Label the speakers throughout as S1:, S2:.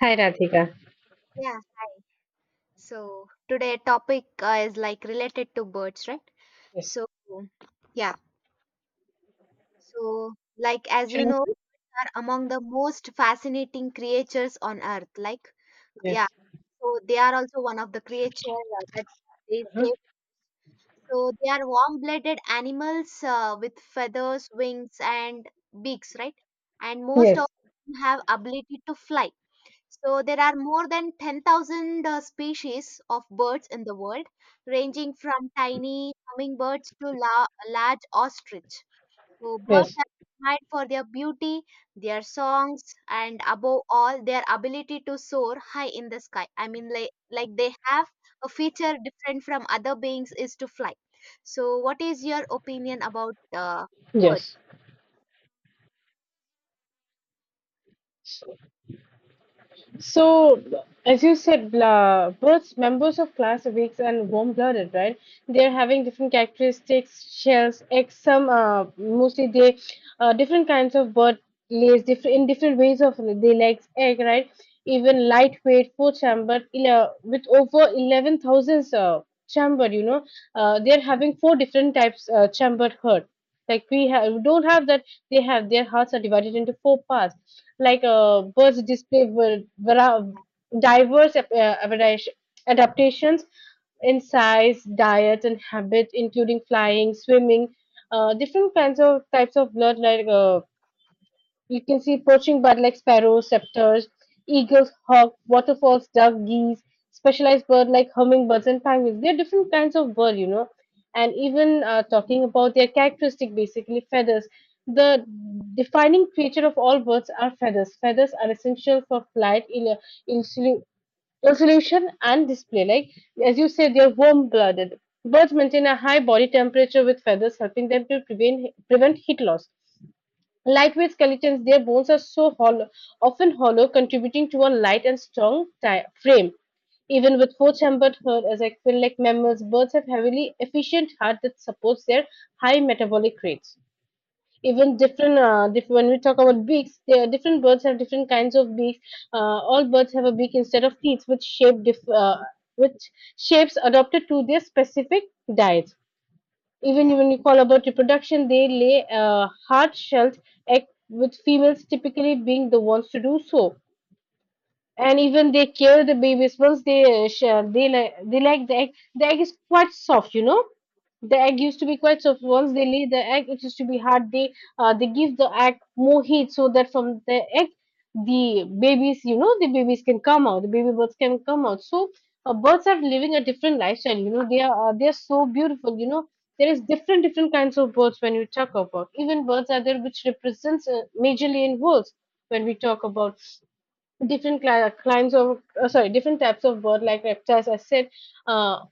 S1: Hi, Radhika.
S2: Yeah, hi. So today topic is like related to birds, right?
S1: Yes.
S2: So yeah. So like as you
S1: Shrimp.
S2: know, are among the most fascinating creatures on earth. Yeah,
S1: Yes.
S2: so they are also one of the creature that they
S1: Uh-huh.
S2: say. So they are warm-blooded animals with feathers, wings, and beaks, right? And most of
S1: Yes.
S2: them have ability to fly. So there are more than 10,000 species of birds in the world, ranging from tiny hummingbirds to large ostrich. So birds
S1: Yes.
S2: are admired for their beauty, their songs, and above all, their ability to soar high in the sky. I mean, like they have a feature different from other beings is to fly. So what is your opinion about birds?
S1: Yes. So, as you said, blah, both members of class are weak and warm-blooded, right? They're having different characteristics, shells, eggs, some, mostly they, different kinds of bird lays different in different ways of they lays egg, right? Even lightweight, four chamber, with over 11,000 chamber, they're having four different types chambered herd. Like we don't have that. They have their hearts are divided into four parts like birds display diverse adaptation- adaptations in size, diet, and habit, including flying, swimming, different kinds of types of blood like you can see poaching bird like sparrows, scepters, eagles, hawk, waterfalls, duck, geese, specialized bird like hummingbirds and penguins. They're different kinds of bird. And even talking about their characteristic, basically feathers. The defining feature of all birds are feathers. Feathers are essential for flight, in, resolution and display. Like as you said, they're warm-blooded. Birds maintain a high body temperature with feathers, helping them to prevent heat loss. Lightweight skeletons, their bones are so hollow, often hollow, contributing to a light and strong frame. Even with four-chambered heart, as I feel like mammals, birds have heavily efficient heart that supports their high metabolic rates. Even when we talk about beaks, there are different birds have different kinds of beaks. All birds have a beak instead of teeth, which shapes adapted to their specific diets. Even
S2: Yeah.
S1: when you call about reproduction, they lay hard-shelled egg, with females typically being the ones to do so. And even they kill the babies once they share, they like the egg. The egg is quite soft. The egg used to be quite soft. Once they lay the egg, it used to be hard. They give the egg more heat so that from the egg, the babies can come out. The baby birds can come out. So birds are living a different lifestyle. They are so beautiful. There is different different kinds of birds. When you talk about, even birds are there which represents majorly in worlds, when we talk about Different cli- climes of sorry, different types of bird like reptiles, I said, uh,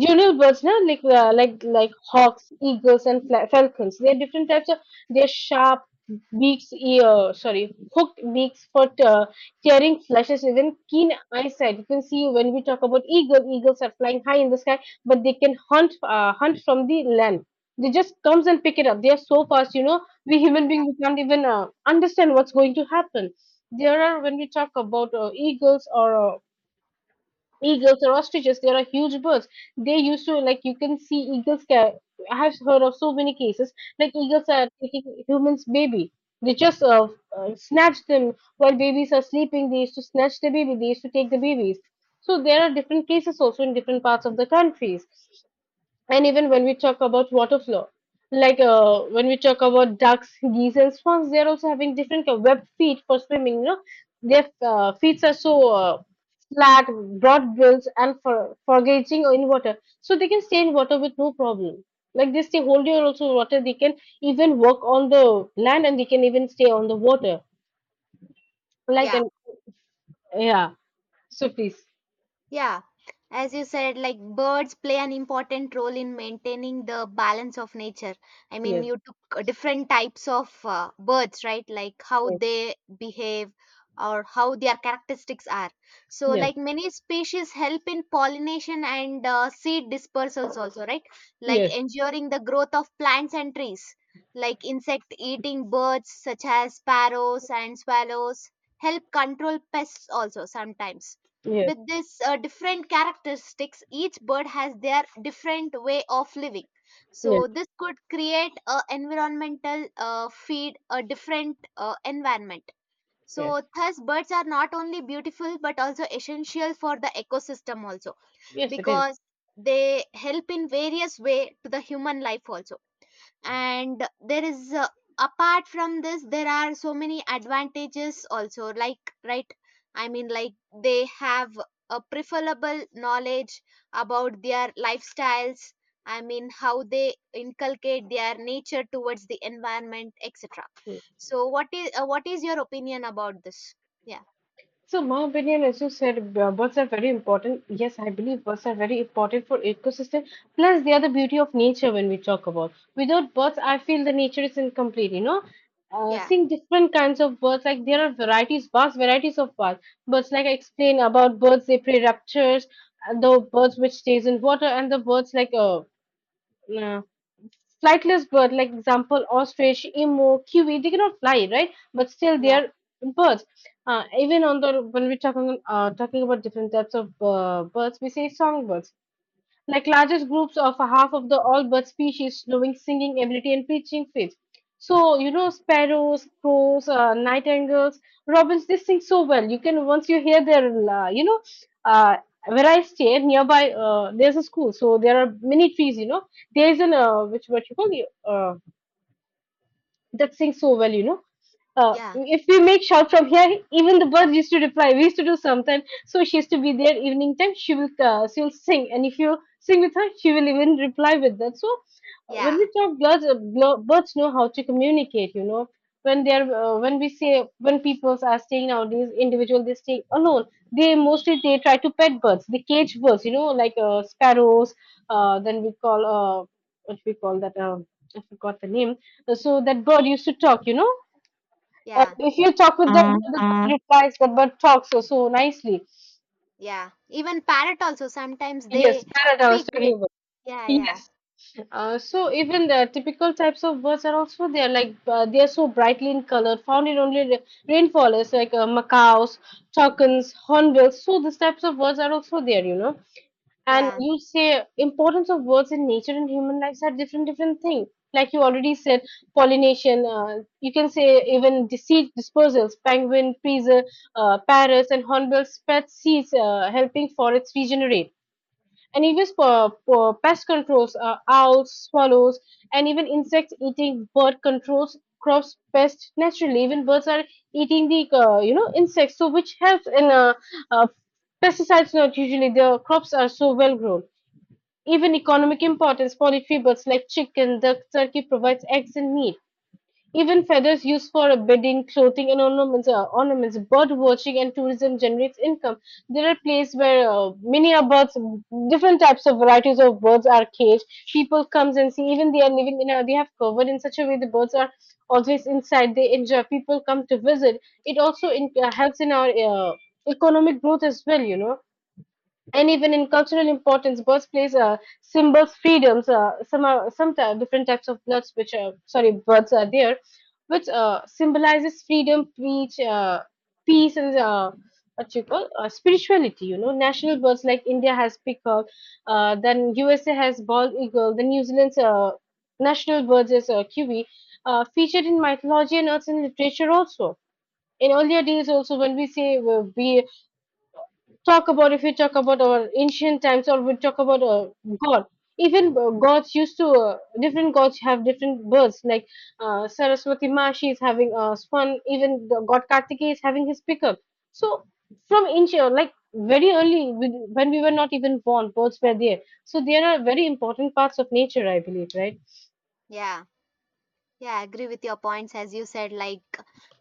S1: jungle birds, na, like hawks, eagles, and falcons. They are different types of. They are sharp beaks, hooked beaks for tearing flashes. Even keen eyesight. You can see when we talk about eagle. Eagles are flying high in the sky, but they can hunt from the land. They just comes and pick it up. They are so fast. We human beings, we can't even understand what's going to happen. There are, when we talk about eagles or ostriches, they are huge birds. They used to, like, you can see eagles. I have heard of so many cases like eagles are taking humans' baby. They just snatch them while babies are sleeping. They used to snatch the baby. They used to take the babies. So there are different cases also in different parts of the countries. And even when we talk about water flow, like when we talk about ducks, geese, and swans, they're also having different kind web feet for swimming. Their feet are so flat, broad bills, and for foraging in water, so they can stay in water with no problem, like they stay hold your also water. They can even walk on the land, and they can even stay on the water, like,
S2: Yeah.
S1: and yeah, so please.
S2: Yeah, as you said, like birds play an important role in maintaining the balance of nature. I mean,
S1: Yes,
S2: you took different types of birds, right? Like how they behave or how their characteristics are. So,
S1: yes,
S2: like many species help in pollination and seed dispersals, also, right? Like
S1: yes,
S2: ensuring the growth of plants and trees. Like insect eating birds, such as sparrows and swallows, help control pests also sometimes
S1: yes, yes,
S2: with this different characteristics, each bird has their different way of living.
S1: yes,
S2: So this could create a environmental feed a different environment.
S1: yes,
S2: So thus birds are not only beautiful but also essential for the ecosystem also
S1: yes, it is.
S2: because they help in various way to the human life also, and there is apart from this there are so many advantages also, like right, I mean, like they have a preferable knowledge about their lifestyles. I mean how they inculcate their nature towards the environment, etc. So what is your opinion about this? yeah
S1: So my opinion, as you said, birds are very important. Yes, I believe birds are very important for ecosystem. Plus, they are the beauty of nature when we talk about. Without birds, I feel the nature is incomplete. You know, uh,
S2: yeah
S1: seeing different kinds of birds, like there are varieties, vast varieties of birds. Birds, like I explained about birds, they prey raptures, and the birds which stays in water, and the birds like uh, flightless bird, like example ostrich, emu, kiwi, they cannot fly, right? But still they
S2: yeah
S1: are birds. Even on the when we're talking about different types of birds, we say songbirds like largest groups of a half of the all bird species, knowing singing ability and preaching faith. So sparrows, crows, nightingales, robins. They sing so well. You can once you hear their, uh, where I stay nearby, there's a school. So there are many trees. There's an which what you call the that sings so well. Uh,
S2: yeah
S1: if we make shout from here, even the birds used to reply. We used to do sometime. So she used to be there evening time. She will sing, and if you sing with her, she will even reply with that. So when
S2: yeah
S1: we talk birds, birds know how to communicate. You know, when they are when we say when people are staying nowadays, individual they stay alone. They mostly they try to pet birds, the cage birds. You know, like sparrows. Then we call, what we call that. I forgot the name, so that bird used to talk. Uh,
S2: yeah
S1: if you talk with that bird, the bird replies, that bird talks so, so nicely.
S2: Yeah, even parrot also sometimes they
S1: Yes, parrot I was
S2: speak,
S1: talking
S2: right?
S1: about.
S2: yeah yeah
S1: Yes. So even the typical types of birds are also there. Like they are so brightly in color, found in only rainforest, like macaws, toucans, hornbills. So these types of birds are also there. And
S2: Yeah,
S1: you say importance of birds in nature and human lives are different different things. Like you already said, pollination. You can say even seed dispersals, penguin, freezer, parrots, and hornbill spread seeds, helping forests regenerate. And even for pest controls, owls, swallows, and even insects eating bird controls crops pest naturally. Even birds are eating the insects, so which helps in uh, pesticides. Not usually the crops are so well grown. Even economic importance, poultry birds like chicken, duck, turkey provides eggs and meat. Even feathers used for bedding, clothing, and ornaments. Bird watching and tourism generates income. There are places where many are birds, different types of varieties of birds are caged. People comes and see. Even they are living they have covered in such a way the birds are always inside. They enjoy. People come to visit. It also helps in our economic growth as well. And even in cultural importance, birthplace symbols freedoms. Some are, some ty- Different types of bloods, birds are there, which symbolizes freedom, peace, and what you call spirituality. National birds like India has peacock, then USA has bald eagle, then New Zealand's national birds is kiwi, featured in mythology and arts and literature also. In earlier days, also when we say, we talk about, if you talk about our ancient times, or we talk about god, even gods used to different gods have different births, like Saraswati Ma, she is having a swan. Even the god Kartikeya is having his pickup. So from ancient, like, very early, when we were not even born, birds were there. So there are very important parts of nature, I believe, right?
S2: yeah, yeah. I agree with your points. As you said, like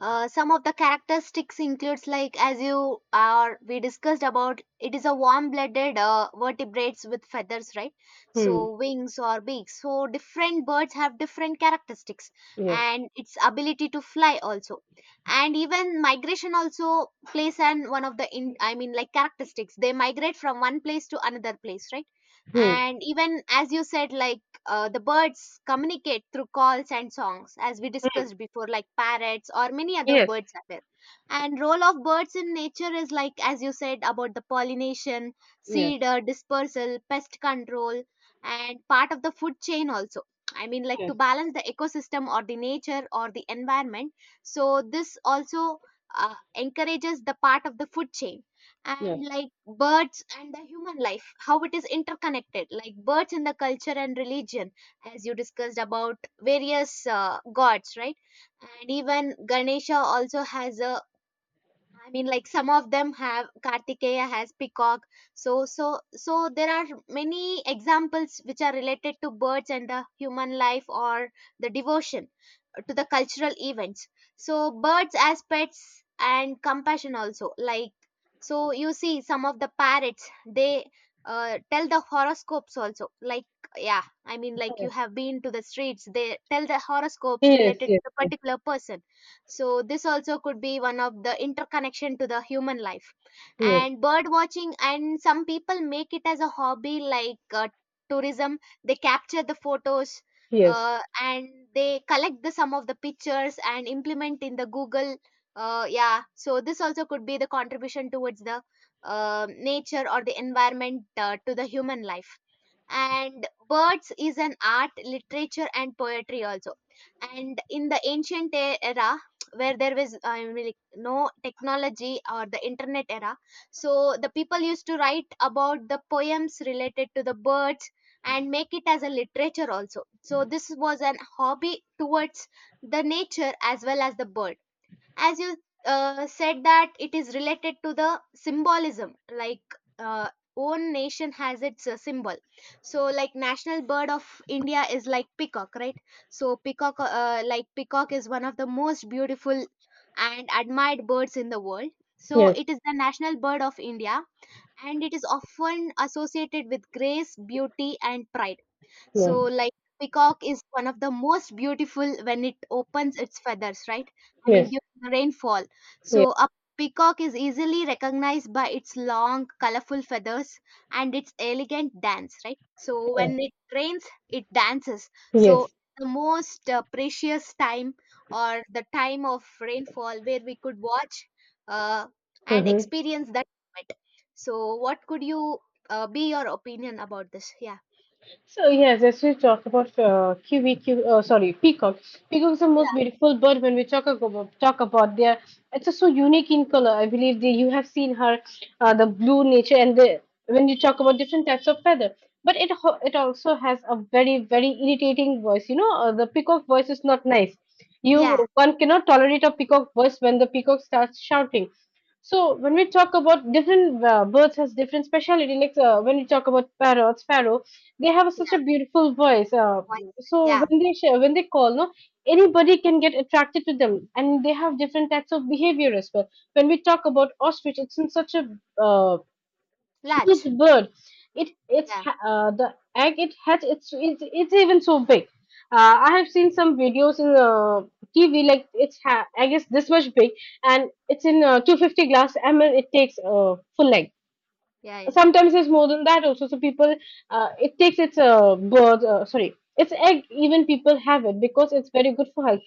S2: some of the characteristics includes like as you are we discussed about it is a warm-blooded vertebrates with feathers, right?
S1: Hmm.
S2: So wings or beaks. So different birds have different characteristics
S1: Yes.
S2: and its ability to fly also, and even migration also plays an one of the in I mean like characteristics. They migrate from one place to another place, right?
S1: Hmm.
S2: And even as you said, like the birds communicate through calls and songs as we discussed before, like parrots or many other
S1: Yes.
S2: birds are there. And role of birds in nature is like as you said about the pollination,
S1: Yes.
S2: seed dispersal, pest control, and part of the food chain also. I mean, like to
S1: Yes.
S2: balance the ecosystem or the nature or the environment. So this also encourages the part of the food chain. And
S1: Yes.
S2: like birds and the human life, how it is interconnected, like birds and the culture and religion, as you discussed about various gods, right? And even Ganesha also has a, I mean, like some of them have, Kartikeya has peacock. So, so, there are many examples which are related to birds and the human life or the devotion to the cultural events. So, birds as pets and compassion also. Like, so you see some of the parrots they tell the horoscopes also. Like, yeah, I mean, like you have been to the streets, they tell the horoscopes
S1: Yes. Yes.
S2: related to the
S1: Yes.
S2: particular person. So this also could be one of the interconnection to the human life.
S1: Yes. Yes.
S2: And bird watching and some people make it as a hobby, like tourism, they capture the photos
S1: Yes.
S2: and they collect the some of the pictures and implement in the Google. Yeah, so this also could be the contribution towards the nature or the environment to the human life. And birds is an art, literature and poetry also, and in the ancient era where there was, I mean, like, no technology or the internet era, so the people used to write about the poems related to the birds and make it as a literature also. So this was an hobby towards the nature as well as the bird. As you said that it is related to the symbolism, like uh, own nation has its symbol. So like national bird of India is like peacock, right? So peacock, like peacock is one of the most beautiful and admired birds in the world, so it is the national bird of India, and it is often associated with grace, beauty and pride. So,
S1: Yes.
S2: like, peacock is one of the most beautiful when it opens its feathers, right? I mean,
S1: Yes. Yes.
S2: during the rainfall. So, a peacock is easily recognized by its long, colorful feathers and its elegant dance, right? So,
S1: Yeah.
S2: when it rains, it dances. So,
S1: Yes.
S2: the most precious time or the time of rainfall where we could watch uh, and
S1: Hmm.
S2: experience that moment. So, what could you be your opinion about this? Yeah.
S1: So yes, as we talk about QVQ, sorry, peacock. Peacock is the most beautiful bird. When we talk about their, it's so unique in color. I believe that you have seen her, the blue nature, and the when you talk about different types of feather. But it also has a very very irritating voice. The peacock voice is not nice. You
S2: Yeah.
S1: one cannot tolerate a peacock voice when the peacock starts shouting. So when we talk about different birds has different speciality, like when we talk about parrots, sparrows, they have such a beautiful voice. Uh,
S2: voice.
S1: so
S2: Yeah,
S1: when they share, when they call, no, anybody can get attracted to them, and they have different types of behavior as well. When we talk about ostrich, it's in such a uh, huge
S2: large.
S1: bird. It it's
S2: Yeah,
S1: ha- uh, the egg it hatch. It's it's even so big. I have seen some videos in TV like I guess this much big, and it's in 250 glass ml. It takes full egg
S2: yeah, yeah,
S1: sometimes it's more than that also. So people, it takes its birth, sorry, its egg even people have it because it's very good for health.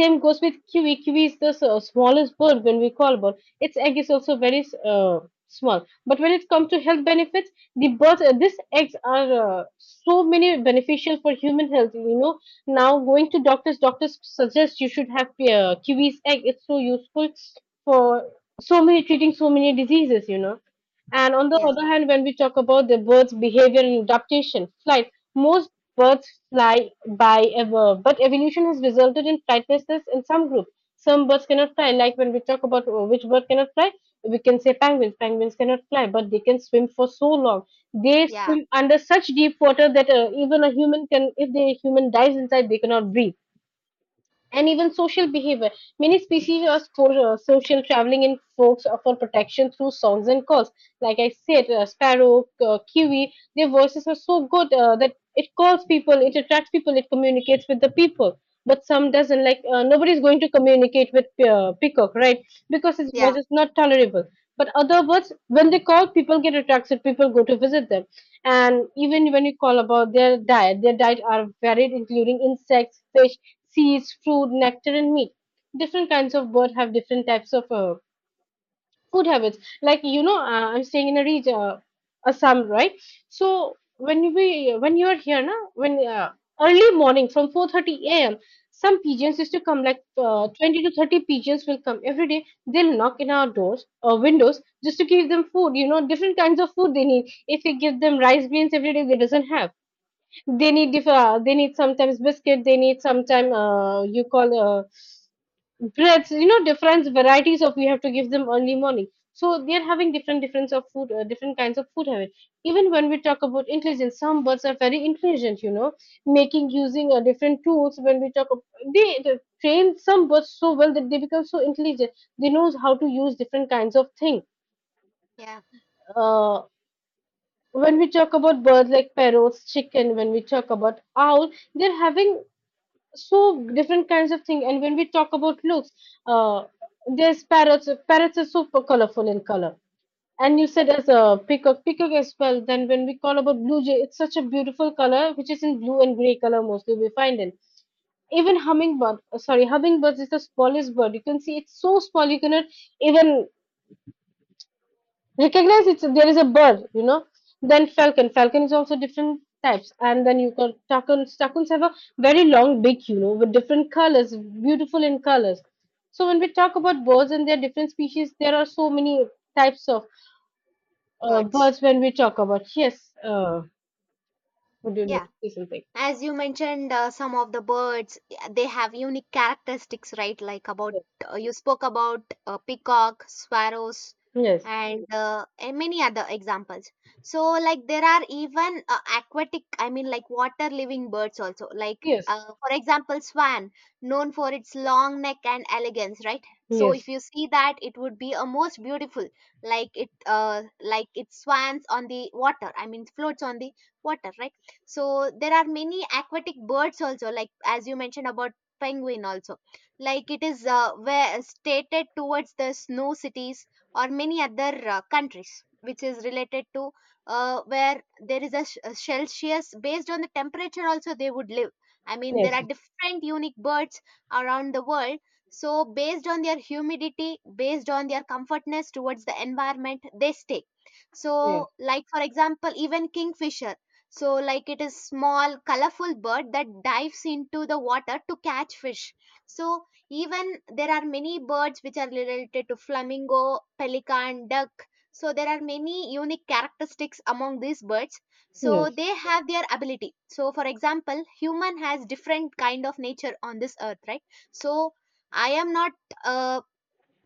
S1: Same goes with kiwi. Kiwi is the smallest bird when we call bird. Its egg is also very uh, small, but when it comes to health benefits, the birds, these eggs are so many beneficial for human health. Now going to doctors, doctors suggest you should have kiwi's egg. It's so useful for so many treating so many diseases. And on the
S2: yeah,
S1: other hand, when we talk about the bird's behavior and adaptation, flight, most birds fly by ever, but evolution has resulted in flightlessness in some groups. Some birds cannot fly, like when we talk about which bird cannot fly, we can say penguins. Penguins cannot fly, but they can swim for so long. They
S2: yeah,
S1: swim under such deep water that even a human can, if the human dives inside, they cannot breathe, and even social behavior. Many species are social, traveling in flocks for protection through songs and calls. Like I said, sparrow, kiwi, their voices are so good that it calls people, it attracts people, it communicates with the people. But some doesn't. Like nobody is going to communicate with peacock, right? Because his
S2: yeah.
S1: voice is not tolerable. But other birds, when they call, people get attracted. People go to visit them. And even when you call about their diet are varied, including insects, fish, seeds, fruit, nectar, and meat. Different kinds of bird have different types of food habits. Like you know, I'm staying in a region, Assam, right? So when you are here, na, when early morning from 4:30 a.m. Some pigeons used to come, like 20 to 30 pigeons will come every day. They'll knock in our doors or windows just to give them food. You know, different kinds of food they need. If you give them rice grains every day, they doesn't have. They need, if they need sometimes biscuit, they need sometime, you call breads, you know, different varieties of we have to give them early morning. So they're having different difference of food, different kinds of food habit. Even when we talk about intelligence, some birds are very intelligent, you know, making using different tools. When we talk of, they train some birds so well that they become so intelligent. They knows how to use different kinds of thing.
S2: yeah.
S1: uh, when we talk about birds like parrots, chicken, when we talk about owl, they're having so different kinds of thing. And when we talk about looks, uh there's parrots. Parrots are super colorful in color. And you said as a peacock, peacock as well. Then when we call about blue jay, it's such a beautiful color which is in blue and gray color, mostly we find in even hummingbird, sorry hummingbirds is the smallest bird. You can see it's so small, you cannot even recognize it's there is a bird, you know. Then falcon, falcon is also different types. And then you got starkuns, starkuns have a very long beak, you know, with different colors, beautiful in colors. So when we talk about birds and their different species, there are so many types of
S2: Birds.
S1: birds. When we talk about, yes, would you like
S2: Yeah.
S1: to say something?
S2: As you mentioned, some of the birds, yeah, they have unique characteristics, right? Like about you spoke about peacock, sparrows,
S1: Yes,
S2: and many other examples. So, like there are even aquatic, I mean, like water living birds also. Like
S1: yes,
S2: for example, swan, known for its long neck and elegance, right? So, if
S1: yes,
S2: you see that, it would be a most beautiful, like it swans on the water. I mean, floats on the water, right? So there are many aquatic birds also, like as you mentioned about penguin also. Like it is where stated towards the snow cities or many other countries, which is related to where there is a, a Celsius based on the temperature also they would live. I mean there
S1: yes,
S2: are different unique birds around the world. So based on their humidity, based on their comfortness towards the environment, they stay. So
S1: yes, yes,
S2: like for example even kingfisher, so, like it is small, colorful bird that dives into the water to catch fish. So, even there are many birds which are related to flamingo, pelican, duck. So, there are many unique characteristics among these birds. So,
S1: yes,
S2: they have their ability. So, for example, human has different kind of nature on this earth, right? So, I am not uh,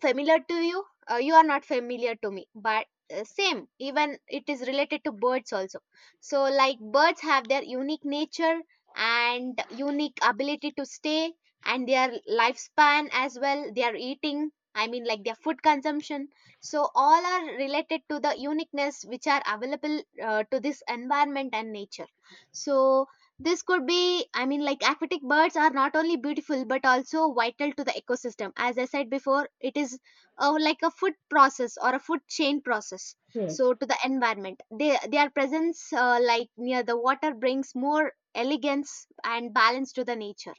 S2: familiar to you? You are not familiar to me, but same. Even it is related to birds also. So, like birds have their unique nature and unique ability to stay, and their lifespan as well. Their eating, I mean, like their food consumption. So, all are related to the uniqueness which are available to this environment and nature. So, this could be, I mean, like aquatic birds are not only beautiful but also vital to the ecosystem. As I said before, it is like a food process or a food chain process.
S1: yes,
S2: So to the environment, they, their presence like near the water brings more elegance and balance to the nature.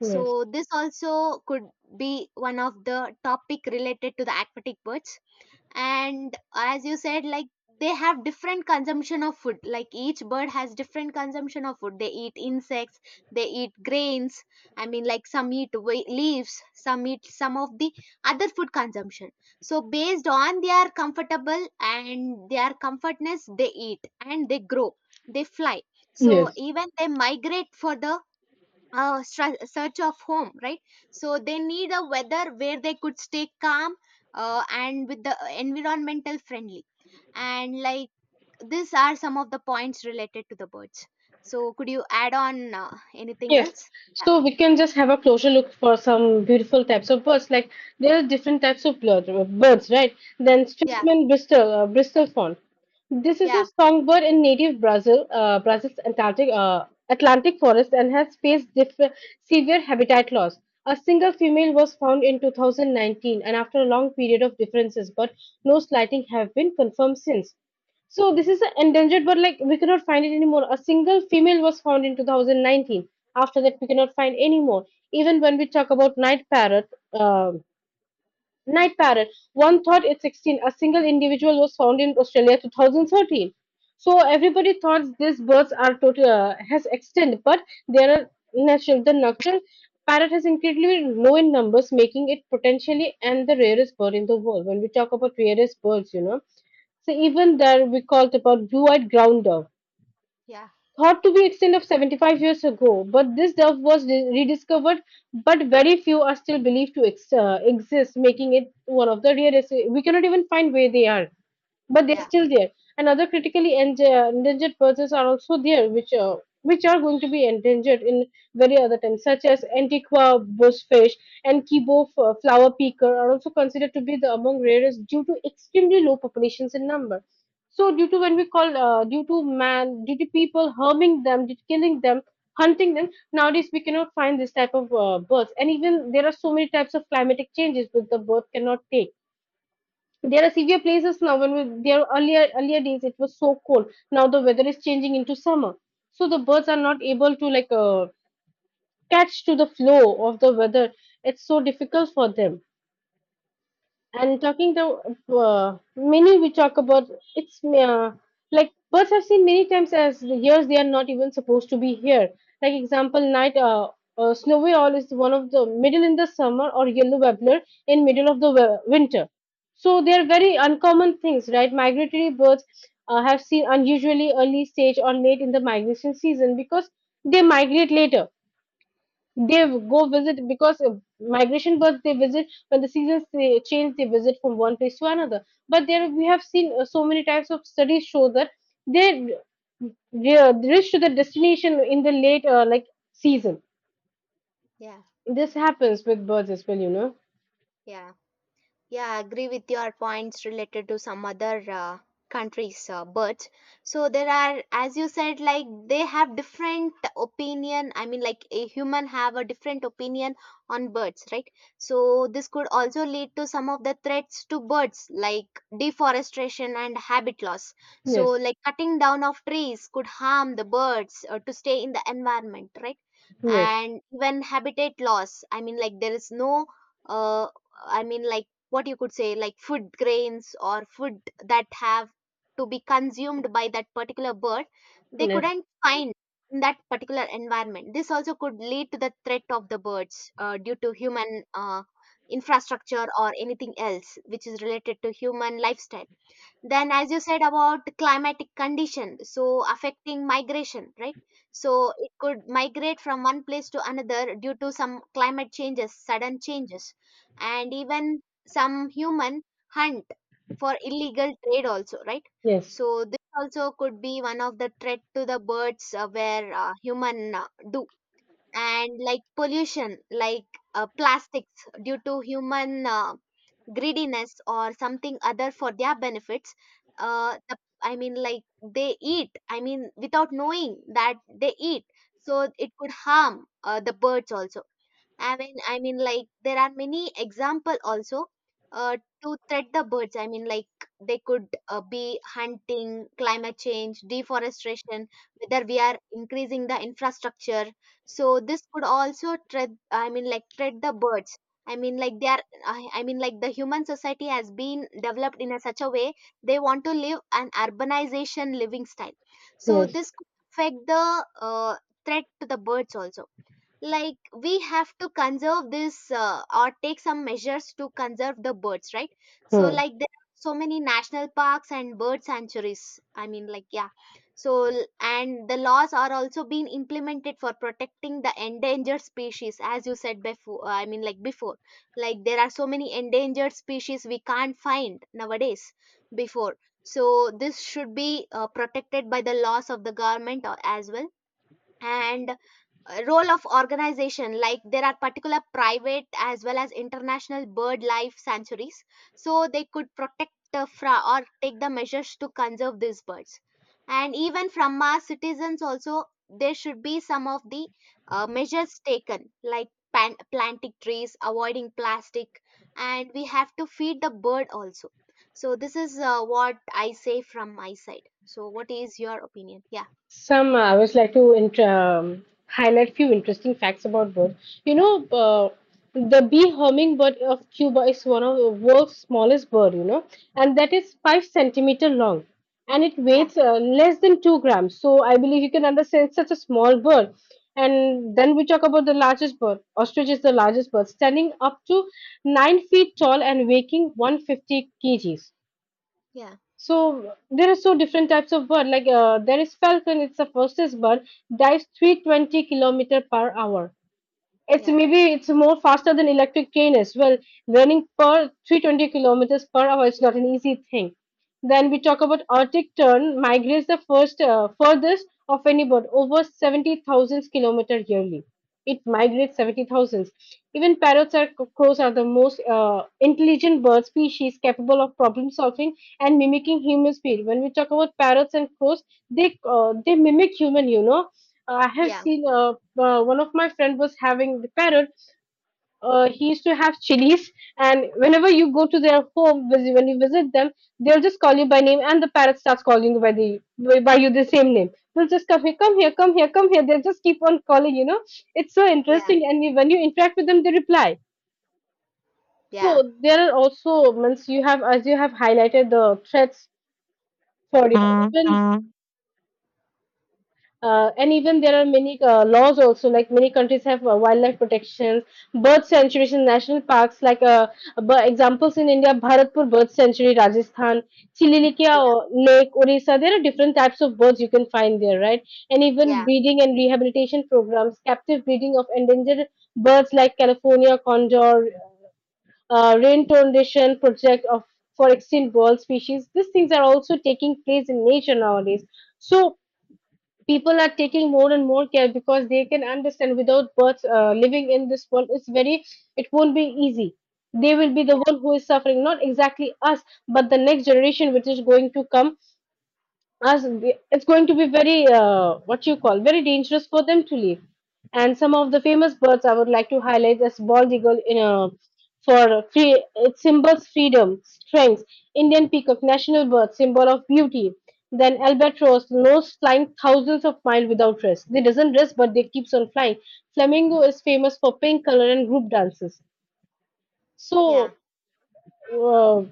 S1: yes.
S2: So this also could be one of the topic related to the aquatic birds. And as you said, like they have different consumption of food. Like each bird has different consumption of food. They eat insects, they eat grains. I mean, like some eat leaves, some eat some of the other food consumption. So based on their comfortable and their comfortness, they eat and they grow, they fly. So
S1: Yes.
S2: even they migrate for the search of home, right? So they need a weather where they could stay calm and with the environmental friendly. And like these are some of the points related to the birds. So could you add on anything
S1: Yes.
S2: else?
S1: So we can just have a closer look for some beautiful types of birds. Like there are different types of birds, right? Then
S2: Yeah,
S1: Stridsman Bristol, Bristol fawn. This is a
S2: yeah,
S1: songbird in native Brazil, Brazil's Atlantic, Atlantic forest and has faced severe habitat loss. A single female was found in 2019, and after a long period of differences, but no sighting have been confirmed since. So this is an endangered, but like we cannot find it anymore. A single female was found in 2019. After that, we cannot find anymore. Even when we talk about night parrot. Night parrot. One thought at 16, a single individual was found in Australia 2013. So everybody thought these birds are total has extinct, but they are natural. The nocturnal parrot has incredibly low in numbers, making it potentially and the rarest bird in the world. When we talk about rarest birds, you know, so even there we called about blue-eyed grounder.
S2: yeah,
S1: Thought to be extinct of 75 years ago, but this dove was rediscovered, but very few are still believed to exist, making it one of the rarest. We cannot even find where they are, but they're
S2: yeah,
S1: still there. And other critically endangered birds are also there, which are going to be endangered in very other times, such as antiqua bushfish and flower peaker are also considered to be the among rarest due to extremely low populations in number. So due to when we call due to man, due to people harming them, due to killing them, hunting them, nowadays we cannot find this type of birds. And even there are so many types of climatic changes which the bird cannot take. There are severe places now. When we, there were earlier days it was so cold. Now the weather is changing into summer, so the birds are not able to like catch to the flow of the weather. It's so difficult for them. And talking the many we talk about it's like birds have seen many times as the years they are not even supposed to be here, like example night snowy owl is one of the middle in the summer, or yellow warbler in middle of the winter. So they are very uncommon things, right? Migratory birds, have seen unusually early stage or late in the migration season because they migrate later. They go visit because migration birds, they visit when the seasons they change, they visit from one place to another. But there we have seen so many types of studies show that they they reach to the destination in the late like season.
S2: yeah,
S1: This happens with birds as well, you know.
S2: yeah, yeah. Yeah, I agree with your points related to some other countries, but so there are, as you said, like they have different opinion. I mean, like a human have a different opinion on birds, right? So this could also lead to some of the threats to birds, like deforestation and habit loss. So
S1: Yes,
S2: like cutting down of trees could harm the birds to stay in the environment, right?
S1: yes,
S2: And even habitat loss. I mean, like there is no. Uh, I mean, like what you could say, like food grains or food that have to be consumed by that particular bird, they
S1: yes,
S2: couldn't find in that particular environment. This also could lead to the threat of the birds due to human infrastructure or anything else which is related to human lifestyle. Then as you said about climatic condition, so affecting migration, right? So it could migrate from one place to another due to some climate changes, sudden changes. And even some human hunt for illegal trade also, right?
S1: yes,
S2: So this also could be one of the threat to the birds where human do. And like pollution, like plastics, due to human greediness or something other for their benefits, uh the, I mean, like they eat, I mean without knowing that they eat. So it could harm the birds also. I mean, like there are many example also uh, to threat the birds. I mean, like they could be hunting, climate change, deforestation, whether we are increasing the infrastructure. So this could also threat. I mean, like threat the birds. I mean, like they are. I mean, like the human society has been developed in a such a way they want to live an urbanization living style. So
S1: yes.
S2: this could affect the threat to the birds also. Like we have to conserve this or take some measures to conserve the birds, right? So
S1: Hmm.
S2: like there are so many national parks and bird sanctuaries. I mean, like, yeah. So and the laws are also being implemented for protecting the endangered species, as you said before. I mean, like before, like there are so many endangered species we can't find nowadays before. So this should be protected by the laws of the government or as well. And role of organization, like there are particular private as well as international bird life sanctuaries, so they could protect or take the measures to conserve these birds. And even from our citizens also there should be some of the measures taken, like planting trees, avoiding plastic, and we have to feed the bird also. So this is what I say from my side. So what is your opinion? Yeah
S1: Some I was like to highlight few interesting facts about birds. You know, the bee hummingbird of Cuba is one of the world's smallest bird. You know, and that is 5 centimeter long, and it
S2: yeah
S1: weighs less than 2 grams. So I believe you can understand it's such a small bird. And then we talk about the largest bird. Ostrich is the largest bird, standing up to 9 feet tall and weighing 150 kgs.
S2: yeah
S1: So there are so different types of bird. Like there is falcon. It's a fastest bird, dives 320 kilometer per hour. It's
S2: yeah
S1: maybe it's more faster than electric train as well. Running per 320 kilometers per hour is not an easy thing. Then we talk about Arctic tern migrates the first furthest of any bird, over 70,000 kilometers yearly. It migrates 70,000. Even parrots or crows are the most intelligent bird species, capable of problem solving and mimicking human speed. When we talk about parrots and crows, they mimic human, you know. I have
S2: yeah
S1: seen One of my friend was having the parrot. He used to have chilies, and whenever you go to their home, when you visit them, they'll just call you by name, and the parrot starts calling you by the by you the same name. They'll just come here, come here, come here, come here. They'll just keep on calling. You know, it's so
S2: yeah
S1: interesting, and you- when you interact with them, they reply.
S2: yeah,
S1: So there are also once you have as you have highlighted the threats for you. And even there are many laws also, like many countries have wildlife protections, bird sanctuaries in national parks, like examples in India, Bharatpur Bird Sanctuary, Rajasthan, Chililikia
S2: yeah,
S1: Lake, Orissa. There are different types of birds you can find there, right? And even
S2: yeah,
S1: breeding and rehabilitation programs, captive breeding of endangered birds like California condor, rain tornation project of for extinct bird species. These things are also taking place in nature nowadays. So people are taking more and more care because they can understand without birth living in this world is very, it won't be easy. They will be the
S2: yeah,
S1: one who is suffering, not exactly us, but the next generation which is going to come, it's going to be very what you call very dangerous for them to leave. And some of the famous birds I would like to highlight as bald eagle in a for free, it symbols freedom strength. Indian peacock, national bird, symbol of beauty. Then albatross nose flying thousands of miles without rest, they doesn't rest, but they keeps on flying. Flamingo is famous for pink color and group dances.
S2: yeah,
S1: So, uh,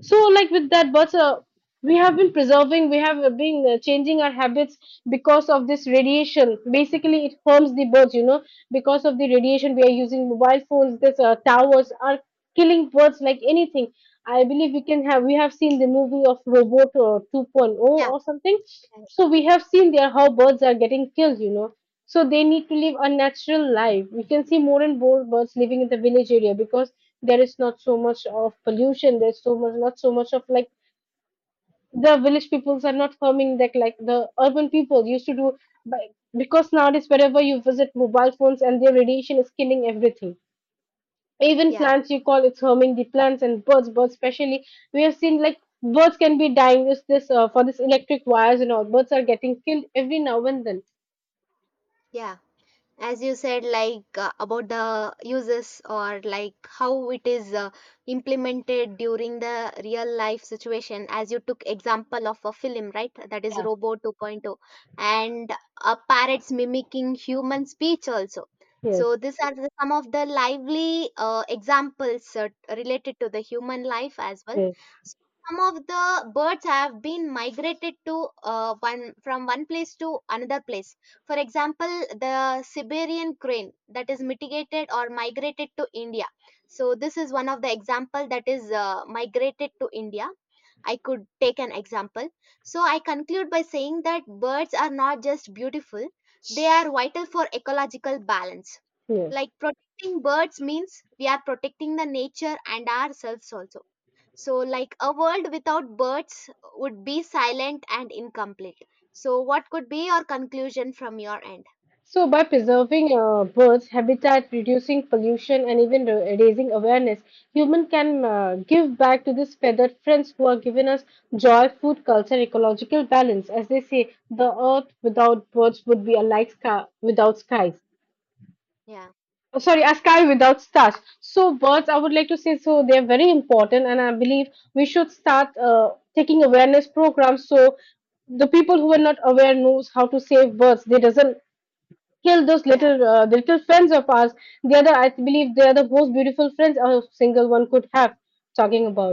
S1: so, like with that butter, we have been preserving, we have been changing our habits because of this radiation. Basically, it harms the birds, you know, because of the radiation we are using mobile phones, this towers are killing birds like anything. I believe we can have, we have seen the movie of Robot, 2.0
S2: yeah,
S1: or something.
S2: yeah,
S1: So, we have seen there how birds are getting killed, you know. So they need to live a natural life. We can see more and more birds living in the village area because there is not so much of pollution. There's so much, not so much of like the village peoples are not farming that like the urban people used to do. But because nowadays wherever you visit, mobile phones and their radiation is killing everything. Even
S2: yeah,
S1: plants you call it's harming the plants and birds. Birds especially we have seen like birds can be dying this this for this electric wires and all. Birds are getting killed every now and then.
S2: yeah, as you said, like about the uses or like how it is implemented during the real life situation, as you took example of a film, right, that is
S1: Yeah.
S2: Robo 2.0 and parrots mimicking human speech also.
S1: Yes,
S2: So these are the, some of the lively examples related to the human life as well.
S1: yes,
S2: So some of the birds have been migrated to one from one place to another place. For example, the Siberian crane that is mitigated or migrated to India. So this is one of the example that is migrated to India. I could take an example. So I conclude by saying that birds are not just beautiful, they are vital for ecological balance.
S1: yes.
S2: Like protecting birds means we are protecting the nature and ourselves also. So, like a world without birds would be silent and incomplete. So, what could be your conclusion from your end?
S1: So, by preserving birds' habitat, reducing pollution, and even raising awareness, human can give back to these feathered friends who are giving us joy, food, culture, ecological balance. As they say, the earth without birds would be a light sky without skies.
S2: Yeah,
S1: Oh, sorry, a sky without stars. So, birds, I would like to say, so they are very important, and I believe we should start taking awareness programs so the people who are not aware knows how to save birds. They doesn't kill those
S2: yeah.
S1: little the little friends of ours. They are the, I believe they are the most beautiful friends a single one could have. Talking about.